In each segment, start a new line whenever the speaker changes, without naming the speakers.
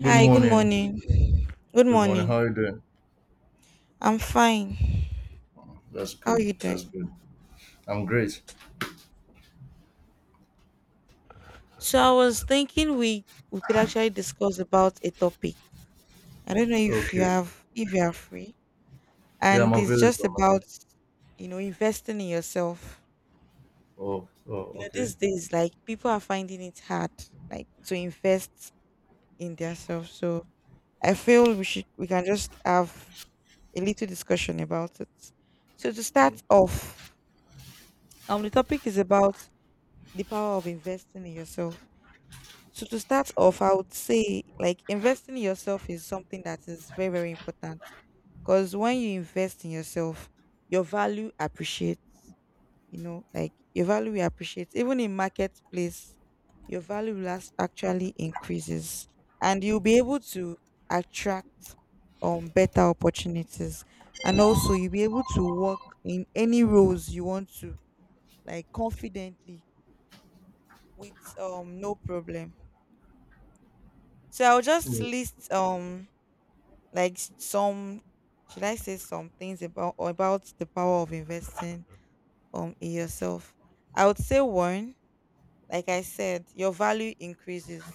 Good
Hi, good
morning.
morning. Good
Good morning.
morning.
How are you doing?
I'm fine.
That's
How are
good.
you
That's
doing?
good. I'm great.
So I was thinking we could actually discuss about a topic. I don't know
Okay.
if you are free.
Yeah, I'm
And it's
available.
just
I'm
about,
available.
investing in yourself.
Oh, oh, okay.
These days, like, people are finding it hard, like, to invest in themselves. So I feel we can just have a little discussion about it. So to start
Oh,
off, the topic is about the power of investing in yourself. So to start off, I would say, like, investing in yourself is something that is very, very important. Because when you invest in yourself, your value appreciates, like your value appreciates. Even in marketplace, your value will actually increases, and you'll be able to attract better opportunities. And also you'll be able to work in any roles you want to, like, confidently, with no problem. So I'll just
yeah,
list like some, should I say, some things about the power of investing in yourself. I would say one, like I said, your value increases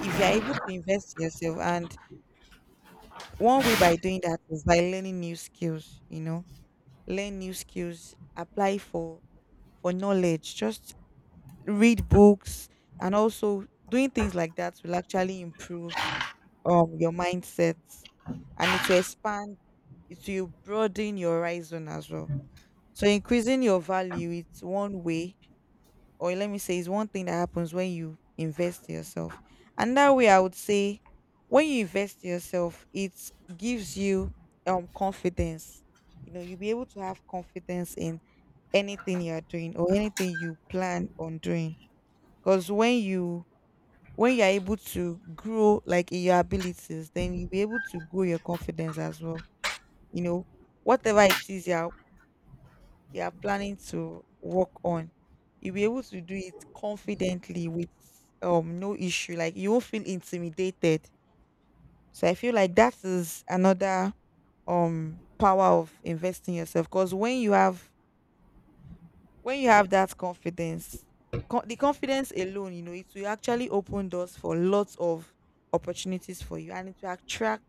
if you're able to invest in yourself, and one way by doing that is by learning new skills. Learn new skills, apply for knowledge, just read books, and also doing things like that will actually improve your mindset, and it will broaden your horizon as well. So increasing your value, it's one way, or let me say, it's one thing that happens when you invest in yourself. And that way, I would say, when you invest in yourself, it gives you confidence. You know, you'll be able to have confidence in anything you're doing or anything you plan on doing, because when you're able to grow, like, in your abilities, then you'll be able to grow your confidence as well. You know, whatever it is you're planning to work on, you'll be able to do it confidently, with no issue, like, you won't feel intimidated. So I feel like that is another power of investing yourself, because when you have that confidence, the confidence alone, you know, it will actually open doors for lots of opportunities for you, and it will attract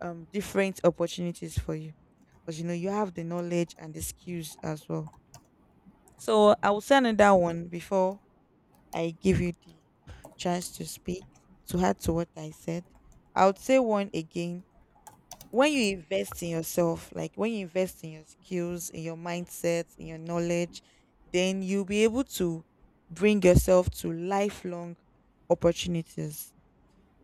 different opportunities for you, because, you know, you have the knowledge and the skills as well. So I will say another one before I give you the chance to speak, to add to what I said. I would say one again, when you invest in yourself, like, when you invest in your skills, in your mindset, in your knowledge, then you'll be able to bring yourself to lifelong opportunities,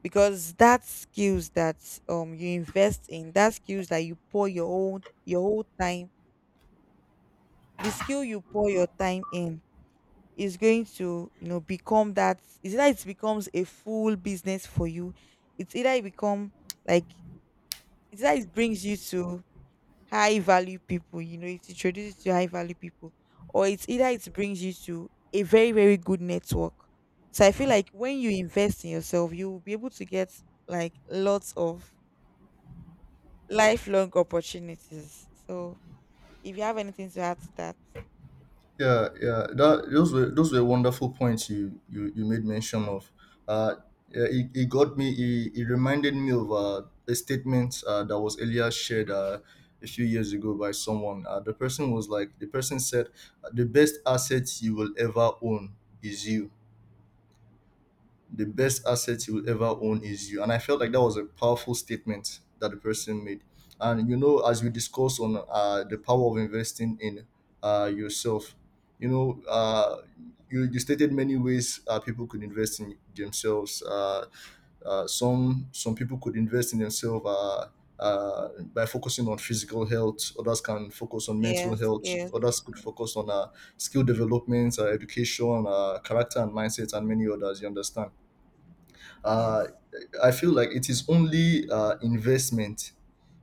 because that skills that you invest in, that skills that you pour your whole time, the skill you pour your time in is going to, you know, become, that is, either it becomes a full business for you, it's either it become, like, it's either it brings you to high value people, you know, it introduces you to high value people, or it's either it brings you to a very, very good network. So I feel like when you invest in yourself, you will be able to get, like, lots of lifelong opportunities. So, if you have anything to add to that.
yeah, yeah. That those were wonderful points you made mention of. Uh, yeah, it got me. It reminded me of a statement that was earlier shared a few years ago by someone. The person was like, the person said, "The best asset you will ever own is you." The best asset you will ever own is you. And I felt like that was a powerful statement that the person made. And you know, as we discussed on the power of investing in yourself, you know, uh, you, you stated many ways people could invest in themselves. Some people could invest in themselves by focusing on physical health. Others can focus on mental
Yes,
health.
yes,
Others could
yes,
focus on skill development, education, character and mindset, and many others. You understand uh,
yes,
I feel like it is only investment.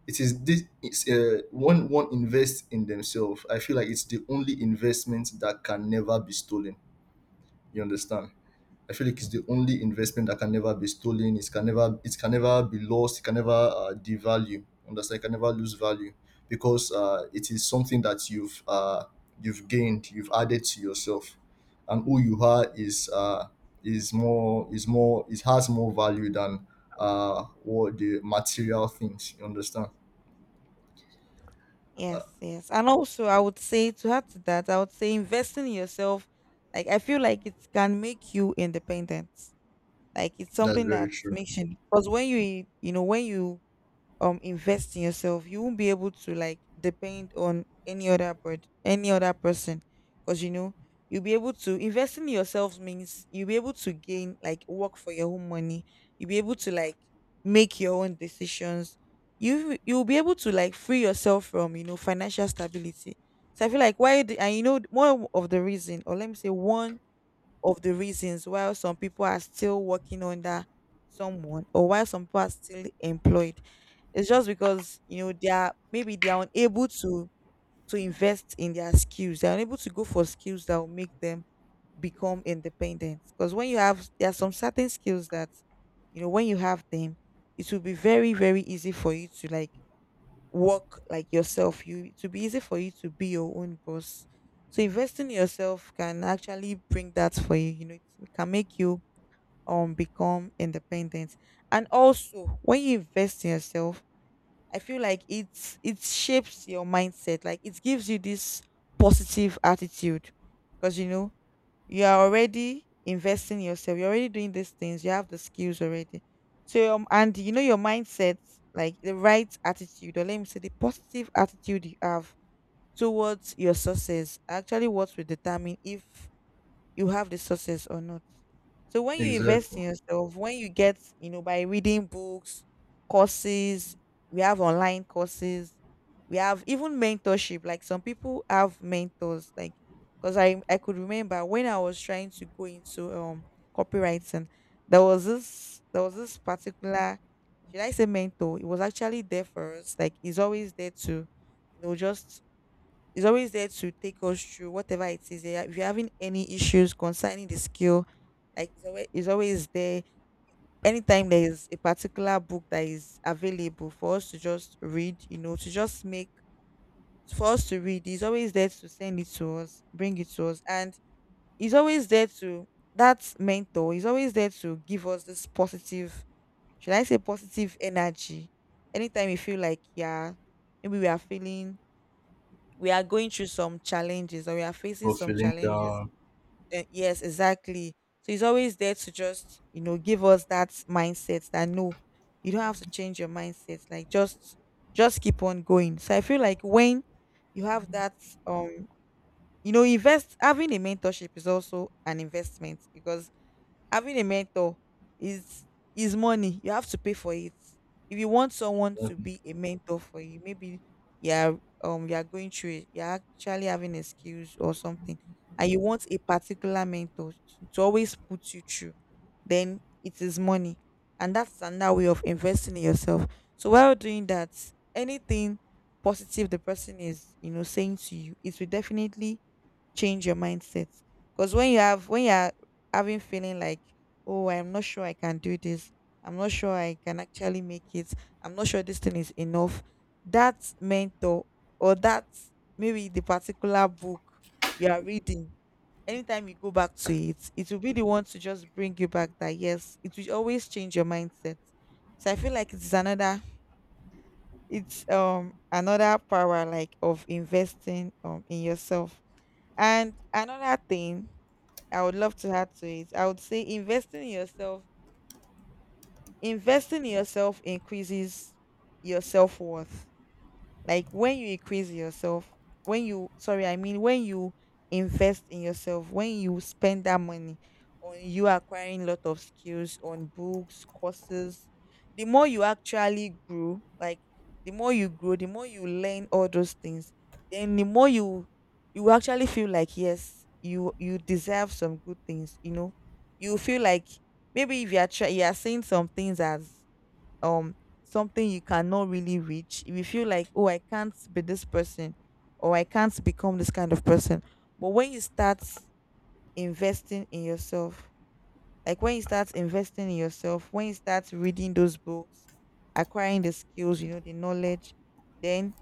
It is this it's, When one invests in themselves, I feel like it's the only investment that can never be stolen. You understand? I feel like it's the only investment that can never be stolen. It can never be lost. It can never devalue. Understand? It can never lose value because it is something that you've gained. You've added to yourself, and who you are is more, it has more value than what the material things. You understand?
yes, yes. And also, I would say, to add to that, I would say investing in yourself, like, I feel like it can make you independent. Like, it's
That's
something that
very true.
makes you, because when you you know, when you invest in yourself, you won't be able to, like, depend on any other bird, any other person, because, you know, you'll be able to investing in yourself means you'll be able to gain, like, work for your own money. You'll be able to, like, make your own decisions. You'll be able to, like, free yourself from, you know, financial stability. So, I feel like and, you know, one of the reason, or let me say, one of the reasons while some people are still working under someone, or while some people are still employed. It's just because, you know, they are, maybe they are unable to invest in their skills. They are unable to go for skills that will make them become independent. Because when you have there are some certain skills that, you know, when you have them, it will be very, very easy for you to, like, work, like, yourself. You To be easy for you to be your own boss. So investing in yourself can actually bring that for you. You know, it can make you become independent. And also, when you invest in yourself, I feel like it shapes your mindset. Like, it gives you this positive attitude. Because, you know, you are already investing yourself, you're already doing these things, you have the skills already. So, and, you know, your mindset, like, the right attitude, or let me say, the positive attitude you have towards your success, actually what will determine if you have the success or not. So, when you invest
Exactly.
in yourself, when you get, you know, by reading books, courses, we have online courses, we have even mentorship. Like, some people have mentors, like, because I could remember when I was trying to go into copywriting, there was this particular, should I say, mentor? It was actually there for us. Like, he's always there to, you know, just, is always there to take us through whatever it is. If you're having any issues concerning the skill, like, it's always there. Anytime there is a particular book that is available for us to just read, you know, to just make for us to read, he's always there to send it to us, bring it to us, and he's always there to, that mentor, he's always there to give us this positive, should I say, positive energy. Anytime you feel like, yeah, maybe we are going through some challenges, or we are facing
For
some
feeling
challenges.
down.
Yes, exactly. So, he's always there to just, you know, give us that mindset that, no, you don't have to change your mindset. Like, just keep on going. So, I feel like when you have that, um you know, invest having a mentorship is also an investment, because having a mentor is is money. You have to pay for it. If you want someone to be a mentor for you, maybe you're you're going through it, you're actually having a skills or something, and you want a particular mentor to always put you through, then it is money. And that is another way of investing in yourself. So, while doing that, anything positive the person is, you know, saying to you, it will definitely change your mindset, because when you're having feeling like, oh, I'm not sure I can do this, I'm not sure I can actually make it, I'm not sure this thing is enough, that mentor, or that, maybe the particular book you are reading, anytime you go back to it, it will be the one to just bring you back, that, yes, it will always change your mindset. So, I feel like it's another power, like, of investing in yourself. And another thing I would love to add to it, I would say investing in yourself, increases your self worth. Like, when you increase yourself, when you, sorry, I mean, when you invest in yourself, when you spend that money on you acquiring a lot of skills, on books, courses, the more you actually grow, like, the more you grow, the more you learn all those things, then the more you actually feel like, yes, you deserve some good things, you know. You feel like, maybe, if you are try, you are seeing some things as um something you cannot really reach. If you feel like, oh, I can't be this person, or I can't become this kind of person. But when you start investing in yourself, like, when you start investing in yourself, when you start reading those books, acquiring the skills, you know, the knowledge, then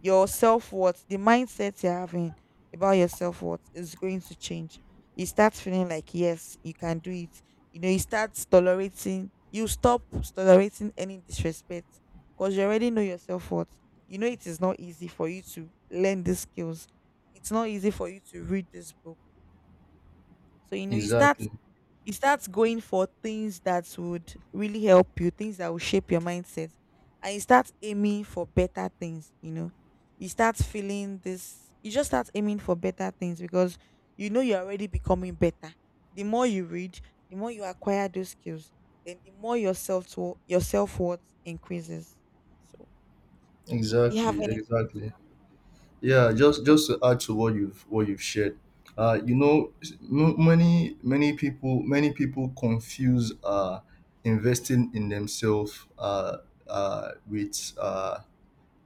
your self worth, the mindset you're having about your self worth is going to change. You start feeling like, yes, you can do it. You know, you start tolerating, you stop tolerating any disrespect, because you already know your self worth. You know, it is not easy for you to learn these skills, it's not easy for you to read this book. So, you know, you start
Exactly.
you start going for things that would really help you, things that will shape your mindset, and you start aiming for better things. You know, you start feeling this. You just start aiming for better things because you know you're already becoming better. The more you read, the more you acquire those skills, then the more your self worth increases. So, do you have
Exactly.
anything to-
Exactly. Yeah,
Yes,
just to add to what you've shared, you know, many people many people confuse investing in themselves with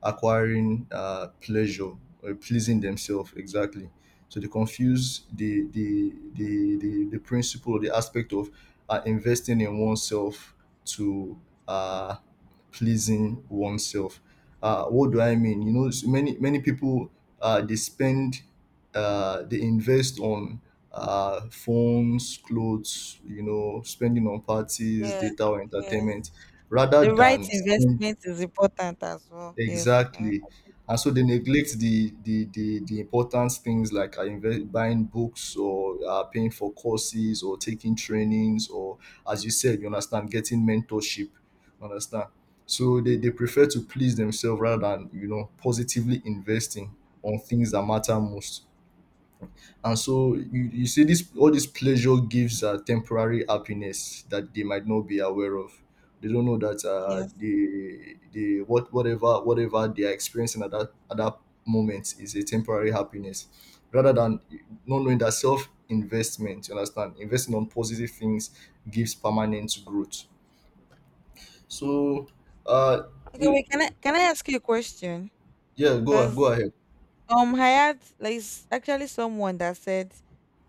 acquiring pleasure or pleasing themselves exactly. So they confuse the principle or the aspect of investing in oneself to uh, pleasing oneself. What do I
yes,
mean? You know, so many many people they spend they invest on phones, clothes, you know, spending on parties,
yes,
data, or
yes.
entertainment, rather
The right
than spending.
investment is important as well. Yes,
Exactly. And so they neglect the important things like buying books or paying for courses or taking trainings or, as you said, you understand, getting mentorship. You understand? So they prefer to please themselves rather than you know positively investing on things that matter most. And so you see this all this pleasure gives temporary happiness that they might not be aware of. They don't know that
yes.
the what whatever they are experiencing at that moment is a temporary happiness, rather than not knowing that self investment. You understand, investing on positive things gives permanent growth. So, uh,
Okay,
you,
wait, can I ask you a question?
yeah, go
Because
ahead.
I had like it's actually someone that said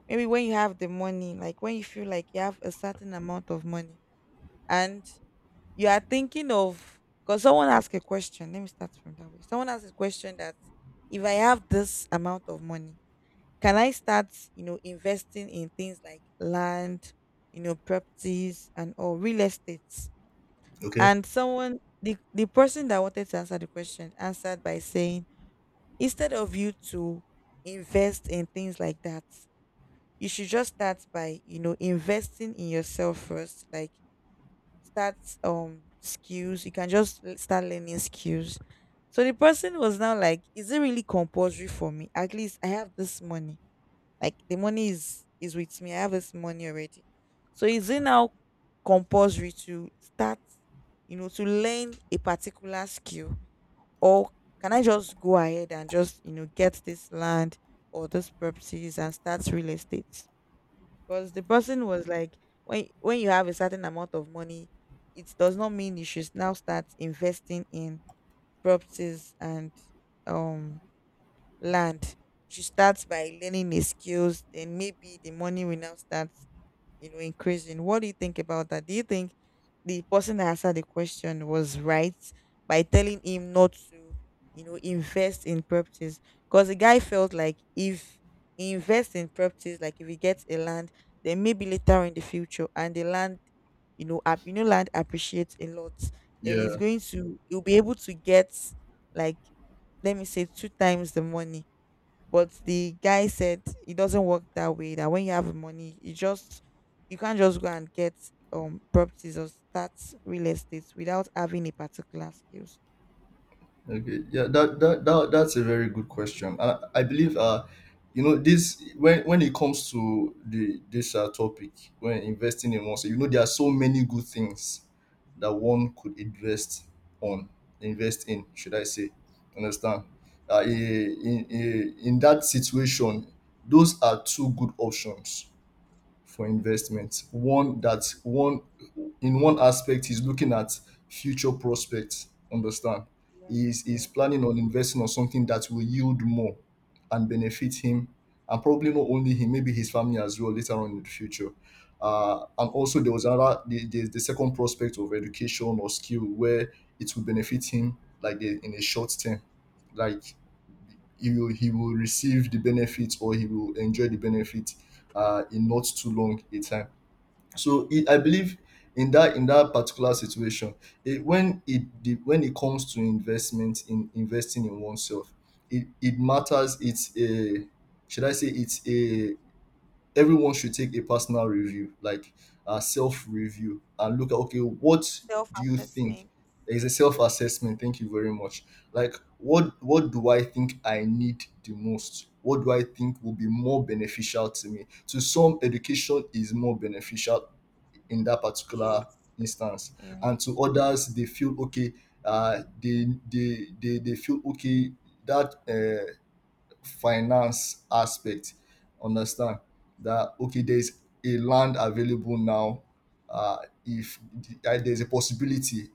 maybe when you have the money, like when you feel like you have a certain amount of money and you are thinking of because someone asked a question. Let me start from that way. Someone asked a question that if I have this amount of money, can I start, you know, investing in things like land, you know, properties and or real estates?
Okay.
And the person that wanted to answer the question answered by saying instead of you to invest in things like that, you should just start by, you know, investing in yourself first. Like start skills, you can just start learning skills. So the person was now like, is it really compulsory for me? At least I have this money, like the money is with me, I have this money already. So is it now compulsory to start, you know, to learn a particular skill, or can I just go ahead and just, you know, get this land or those properties and start real estate? Because the person was like, when you have a certain amount of money, it does not mean you should now start investing in properties and um land. You should start by learning the skills, then maybe the money will now start, you know, increasing. What do you think about that? Do you think the person that answered the question was right by telling him not to, you know, invest in properties? Because the guy felt like if he invests in properties, like if he gets a land, then maybe later in the future, and the land, you know, app, you know, land appreciates a lot, and
Yeah.
he'll be able to get, like, let me say, two times the money. But the guy said it doesn't work that way. That when you have money, you just you can't just go and get properties or start real estate without having a particular skills.
Okay, yeah, that's a very good question. I believe you know this when it comes to the this topic when investing in oneself, you know there are so many good things that one could invest on, invest in, should I say? Understand? In that situation, those are two good options for investment. One that one In one aspect he's looking at future prospects. Understand?
Yes,
He's
yes,
planning on investing on something that will yield more and benefit him, and probably not only him, maybe his family as well later on in the future. And
yes.
also there was another the second prospect of education or skill where it will benefit him like in a short term like he will receive the benefits or he will enjoy the benefits in not too long a time. So I believe in that particular situation, it, when it the, when it comes to investment in investing in oneself, it matters. It's a should I say it's a Everyone should take a personal review, like a self review, and look at, okay, what do you think?
Self-assessment.
It's a self assessment. Thank you very much. Like what do I think I need the most? What do I think will be more beneficial to me? To some, education is more beneficial in that particular
Yes,
instance, and
yes.
to others, they feel okay. They feel okay that finance aspect, understand, that okay there's a land available now, uh, if there's a possibility,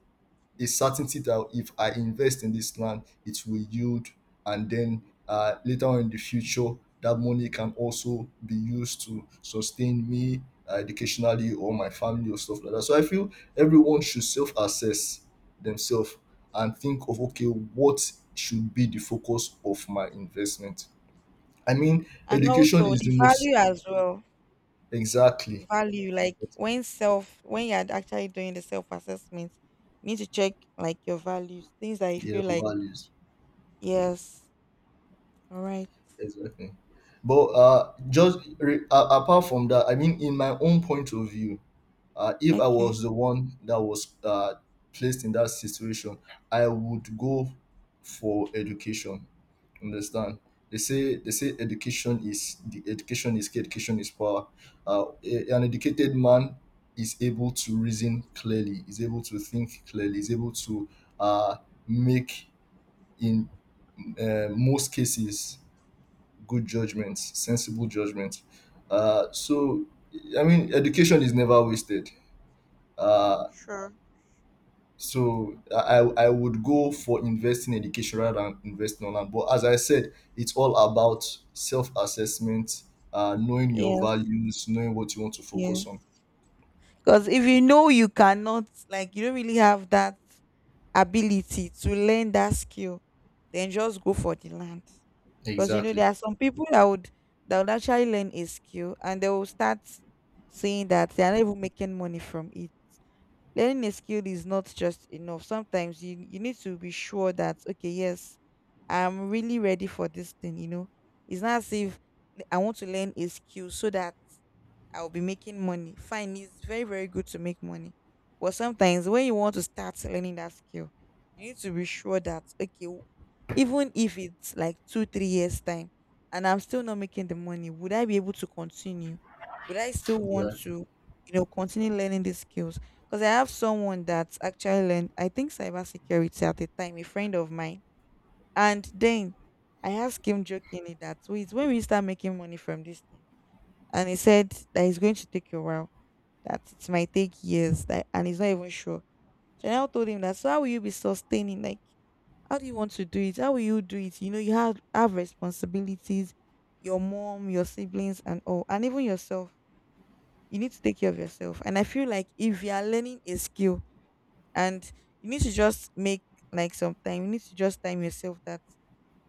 a certainty that if I invest in this land it will yield, and then later on in the future that money can also be used to sustain me educationally or my family or stuff like that. So I feel everyone should self-assess themselves and think of, okay, what should be the focus of my investment? I mean,
And
education
also
is the
the
most.
value as well.
Exactly.
Value, like when self when you're actually doing the self assessment, you need to check like your values, things that you
Yeah,
feel like.
values.
Yes, all right,
Exactly. But apart from that, I mean, in my own point of view, if I was
okay.
the one that was placed in that situation, I would go for education. Understand? They say education is the education is key, education is power. A- an educated man is able to reason clearly, is able to think clearly, is able to uh, make in most cases good judgments, sensible judgments. Uh, so I mean, education is never wasted. Uh,
Sure.
I would go for investing in education rather than investing on land. But as I said, it's all about self assessment, knowing your
Yes,
values, knowing what you want to focus on.
yes. Because if you know you cannot, like, you don't really have that ability to learn that skill, then just go for the land. Because you know
Exactly.
there are some people that would actually learn a skill and they will start saying that they are not even making money from it. Learning a skill is not just enough. Sometimes you need to be sure that, okay, yes, I'm really ready for this thing. You know, it's not as if I want to learn a skill so that I'll be making money. Fine, it's very, very good to make money. But sometimes when you want to start learning that skill, you need to be sure that, okay, even if it's like two, 3 years' time and I'm still not making the money, would I be able to continue? Would I still want to,
Exactly.
you know, continue learning these skills? Because I have someone that actually learned, I think, cybersecurity at the time, a friend of mine. And then I asked him jokingly that, wait, when will you start making money from this thing? And he said that it's going to take a while, that it might take years, that, and he's not even sure. So I now told him that, so how will you be sustaining? Like, how do you want to do it? How will you do it? You know, you have responsibilities, your mom, your siblings, and all, and even yourself. You need to take care of yourself. And I feel like if you are learning a skill and you need to just make like some time, you need to just time yourself that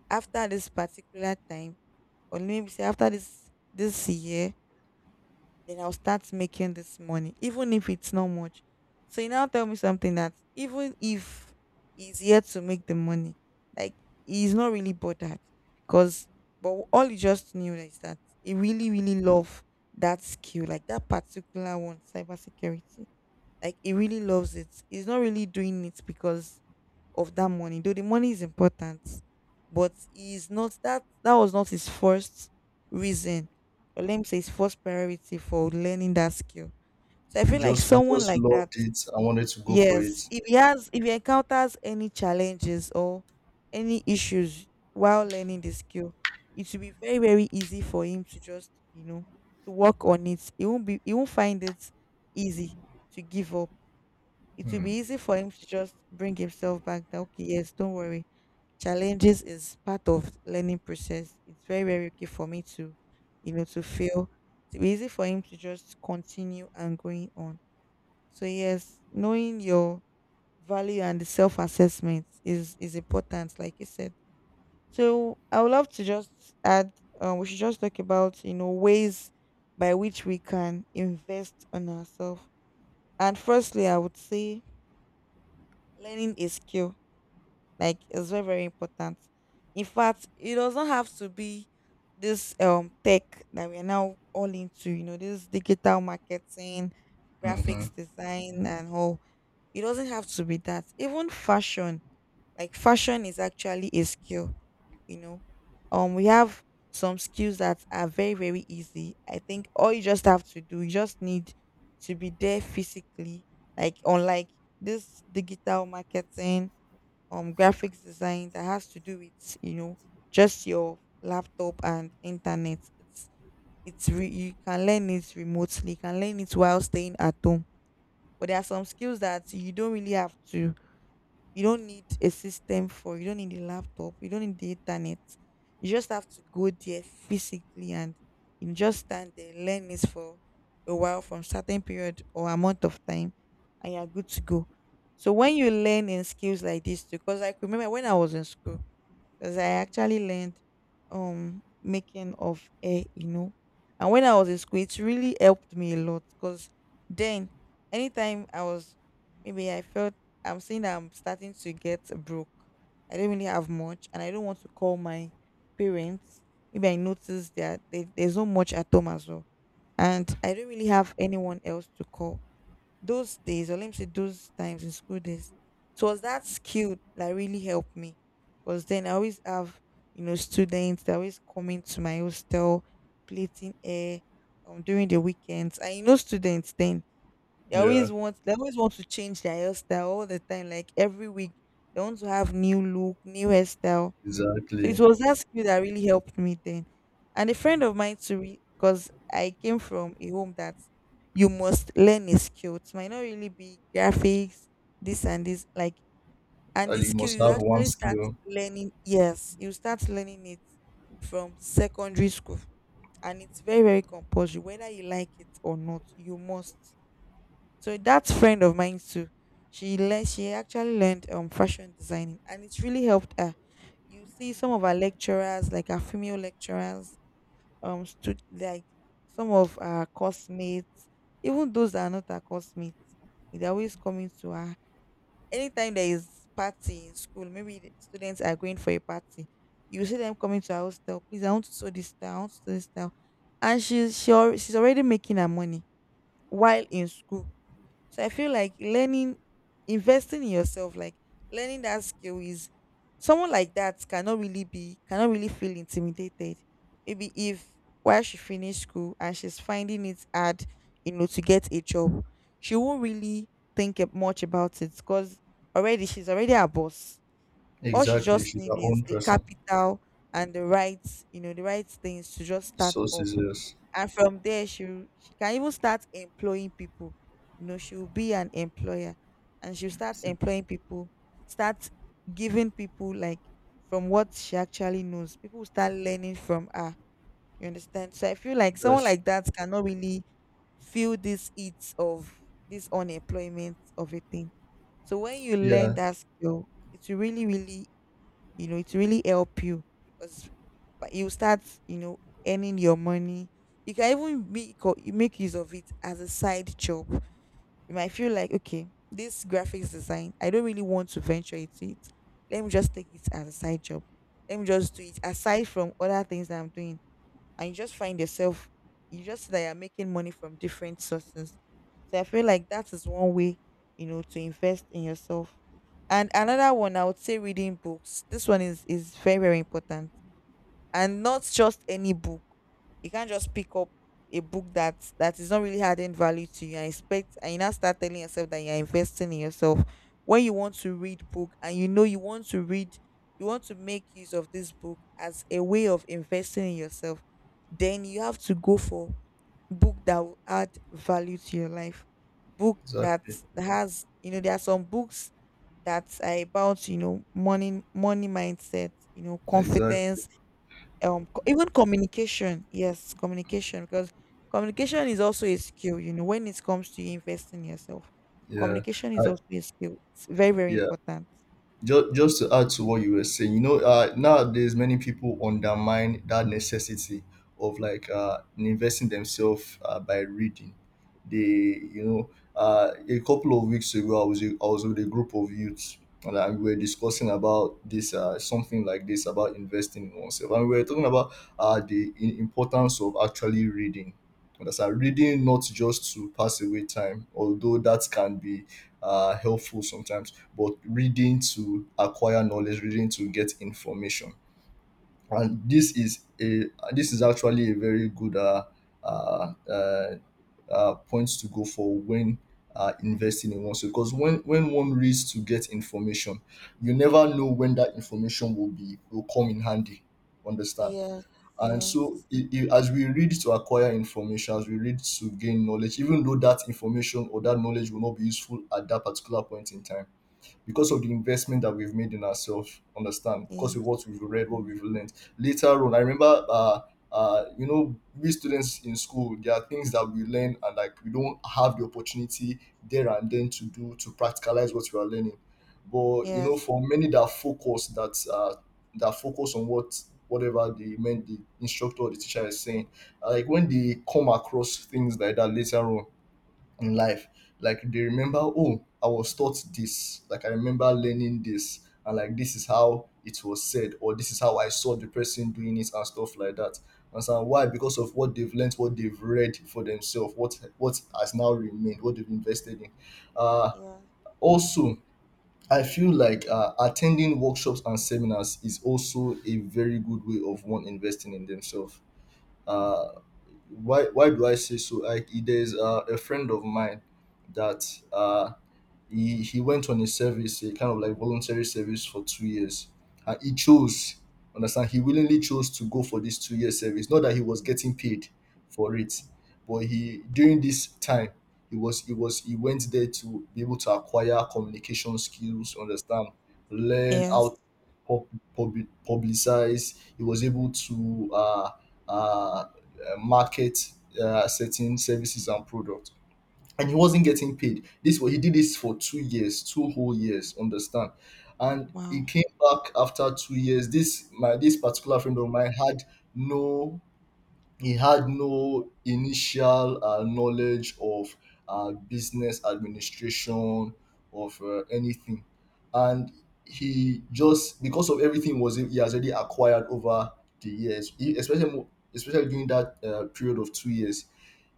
after this particular time, or maybe say after this year, then I'll start making this money, even if it's not much. So you now tell me something that even if he's yet to make the money, like he's not really bothered, because but all he just knew is that he really really love that skill, like that particular one, cybersecurity. Like he really loves it. He's not really doing it because of that money, though the money is important, but is not that was not his first reason, or let me say his first priority for learning that skill. So I
He
feel like
just he
someone
just
like that,
loved it. I wanted to go for
yes,
it.
if he has if he encounters any challenges or any issues while learning the skill, it will be very very easy for him to just, you know, to work on it. He won't find it easy to give up. It will
Hmm.
be easy for him to just bring himself back that, okay, yes, don't worry. Challenges is part of learning process. It's very, very okay for me to, you know, to fail. It'll be easy for him to just continue and going on. So yes, knowing your value and the self assessment is important, like you said. So I would love to just add. We should just talk about, you know, ways by which we can invest on ourselves. And firstly, I would say learning a skill, like it's very, very important. In fact, it doesn't have to be this tech that we are now all into, you know, this digital marketing,
Mm-hmm.
graphics design and all. It doesn't have to be that. Even fashion, like fashion is actually a skill, you know. We have some skills that are very, very easy. I think all you just have to do, you just need to be there physically, like unlike this digital marketing graphics design, that has to do with, you know, just your laptop and internet. You can learn it remotely, you can learn it while staying at home. But there are some skills that you don't really have to, you don't need a system for. You don't need a laptop. You don't need the internet. You just have to go there physically and you just stand there, learn it for a while from certain period or amount of time, and you're good to go. So when you learn in skills like this too, because I remember when I was in school, because I actually learned making of hair, you know. And when I was in school, it really helped me a lot because then anytime I was maybe I felt I'm saying that I'm starting to get broke. I don't really have much, and I don't want to call my parents. Maybe I notice that they, there's not much at home as well, and I don't really have anyone else to call. Those days, or let me say, those times in school days, it was that skill that really helped me, because then I always have, you know, students that always coming to my hostel, plating air, during the weekends. And you know students then,
Yeah.
they always want to change their hairstyle all the time, like every week. They want to have new look, new hairstyle. So it
Exactly.
was that skill that really helped me then. And a friend of mine too, because I came from a home that you must learn a skill. It might not really be graphics, this and this, like and the
And you
skill
must
you
have one
actually start
skill.
learning. Yes, you start learning it from secondary school, and it's very very compulsory, whether you like it or not. You must. So that friend of mine too, she actually learned fashion designing, and it's really helped her. You see some of our lecturers, like our female lecturers, like some of our classmates, even those that are not our classmates, they're always coming to her. Anytime there is party in school, maybe the students are going for a party, you see them coming to our hostel. Please, I want to sew this style, I want to sew this style. And she's already making her money while in school. So I feel like learning, investing in yourself, like learning that skill is, someone like that cannot really be, cannot really feel intimidated. Maybe if while she finished school and she's finding it hard, you know, to get a job, she won't really think much about it because already she's already a boss. All she
Exactly.
just
She's
need
her
is
own
the
person.
capital and the right, you know, the right things to just start up.
Sources. Yes.
And from there, she can even start employing people. You know, she will be an employer, and she'll start employing people, start giving people like from what she actually knows. People will start learning from her. You understand? So I feel like someone
That's—
like that cannot really feel this heat of this unemployment of a thing. So when you learn
Yeah.
that skill, it will really, really, you know, it will really help you, because you start, you know, earning your money. You can even you make use of it as a side job. You might feel like, okay, this graphics design, I don't really want to venture into it, let me just take it as a side job, let me just do it aside from other things that I'm doing. And you just find yourself, you just see that you're making money from different sources. So I feel like that is one way, you know, to invest in yourself. And another one, I would say reading books. This one is very, very important, and not just any book. You can't just pick up a book that is not really adding value to you and expect, and you now start telling yourself that you're investing in yourself. When you want to read book, and you know you want to read, you want to make use of this book as a way of investing in yourself, then you have to go for book that will add value to your life, book that
Exactly.
has, you know, there are some books that are about, you know, money mindset, you know,
Exactly.
confidence, even communication. Yes, communication, because communication is also a skill, you know. When it comes to you investing in yourself,
Yeah.
communication
I,
is also a skill, it's very, very
yeah,
important.
just to add to what you were saying, you know, nowadays many people undermine that necessity of like investing themselves by reading. They, you know, a couple of weeks ago, I was with a group of youths and we were discussing about this something like this about investing in oneself, and we were talking about the importance of actually reading. Understand? Reading not just to pass away time, although that can be helpful sometimes, but reading to acquire knowledge, reading to get information. And this is a this is actually a very good uh, uh, point to go for when investing in oneself. Because when one reads to get information, you never know when that information will come in handy. Understand?
Yes.
And
Yes.
so,
Mhm.
I as we read to acquire information, as we read to gain knowledge, even though that information or that knowledge will not be useful at that particular point in time, because of the investment that we've made in ourselves. Understand? Because of
Yes.
what we've read, what we've learned. Later on, I remember, you know, we students in school, there are things that we learn and like we don't have the opportunity there and then to do, to practicalize what we are learning. But you know,
Yes.
for many that focus, that focus on whatever the men, the instructor or the teacher is saying, like when they come across things like that later on in life. Like they remember, oh, I was taught this. Like I remember learning this, and like this is how it was said, or this is how I saw the person doing it and stuff like that. And so why? Because of what they've learned, what they've read for themselves, what has now remained, what they've invested in. Uh,
Yes. Yes.
also, I feel like attending workshops and seminars is also a very good way of one investing in themselves. Uh, why do I say so? Like there's a friend of mine that uh, he went on a service, a kind of like voluntary service for 2 years, and he chose. Understand? He willingly chose to go for this 2 year service. Not that he was getting paid for it, but he during this time he went there to be able to acquire communication skills. Understand? Learn how
Yes.
to pub- publicize. He was able to uh, market certain services and products, and he wasn't getting paid. This was he did this for 2 years, two whole years, understand. And he
Wow.
came back after 2 years. This particular friend of mine had no he had no initial knowledge of business administration, of anything. And because of everything was he has already acquired over the years, especially, especially during that period of 2 years,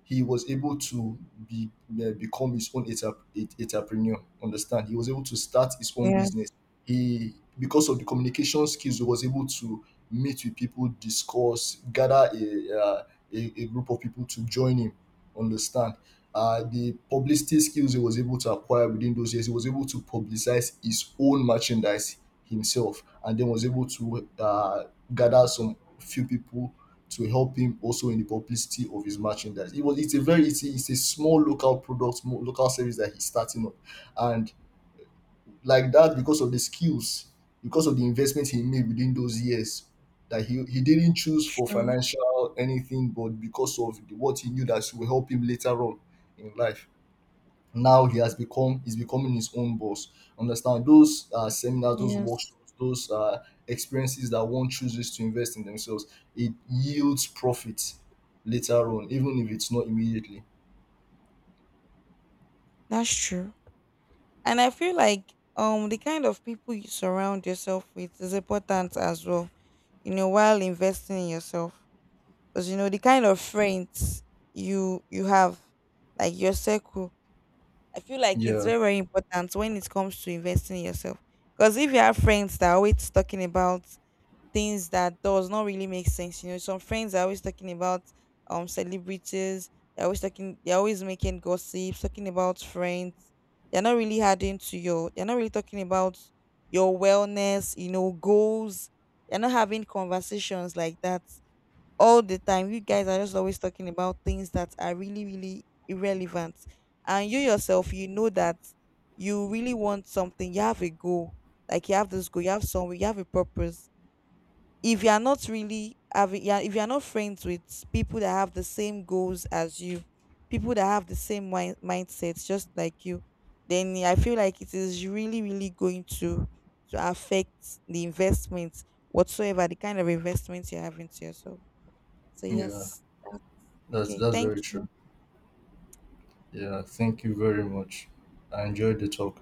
he was able to be become his own entrepreneur. Understand? He was able to start his own
Yes.
business. Because of the communication skills, he was able to meet with people, discuss, gather a group of people to join him. Understand? The publicity skills he was able to acquire within those years, he was able to publicize his own merchandise himself, and then was able to gather some few people to help him also in the publicity of his merchandise. It was it's a very it's a, It's a small local product, small local service that he's starting up, and like that because of the skills, because of the investment he made within those years, that he didn't choose for
Sure.
financial anything, but because of what he knew that will help him later on in life, now he has become, he's becoming his own boss. Understand, those seminars, those
Yes.
workshops, those experiences that one chooses to invest in themselves, it yields profit later on, even if it's not immediately.
That's true. And I feel like, the kind of people you surround yourself with is important as well, you know, while investing in yourself. Because you know, the kind of friends you have, like your circle, I feel like it's
Yeah,
very, very important when it comes to investing in yourself. Because if you have friends that are always talking about things that does not really make sense, you know, some friends are always talking about, celebrities, they're always talking, they're always making gossips, talking about friends, they're not really adding to your, they're not really talking about your wellness, you know, goals, they're not having conversations like that. All the time you guys are just always talking about things that are really, really irrelevant. And you yourself, you know that you really want something, you have a goal, like you have this goal, you have somewhere, you have a purpose. If you are not really having, yeah, if you are not friends with people that have the same goals as you, people that have the same mindsets just like you, then I feel like it is really, really going to affect the investment, whatsoever the kind of investment you're having to yourself. So
yeah,
yes, that's okay.
that's
Thank
very
you.
true. Yeah, thank you very much. I enjoyed the talk.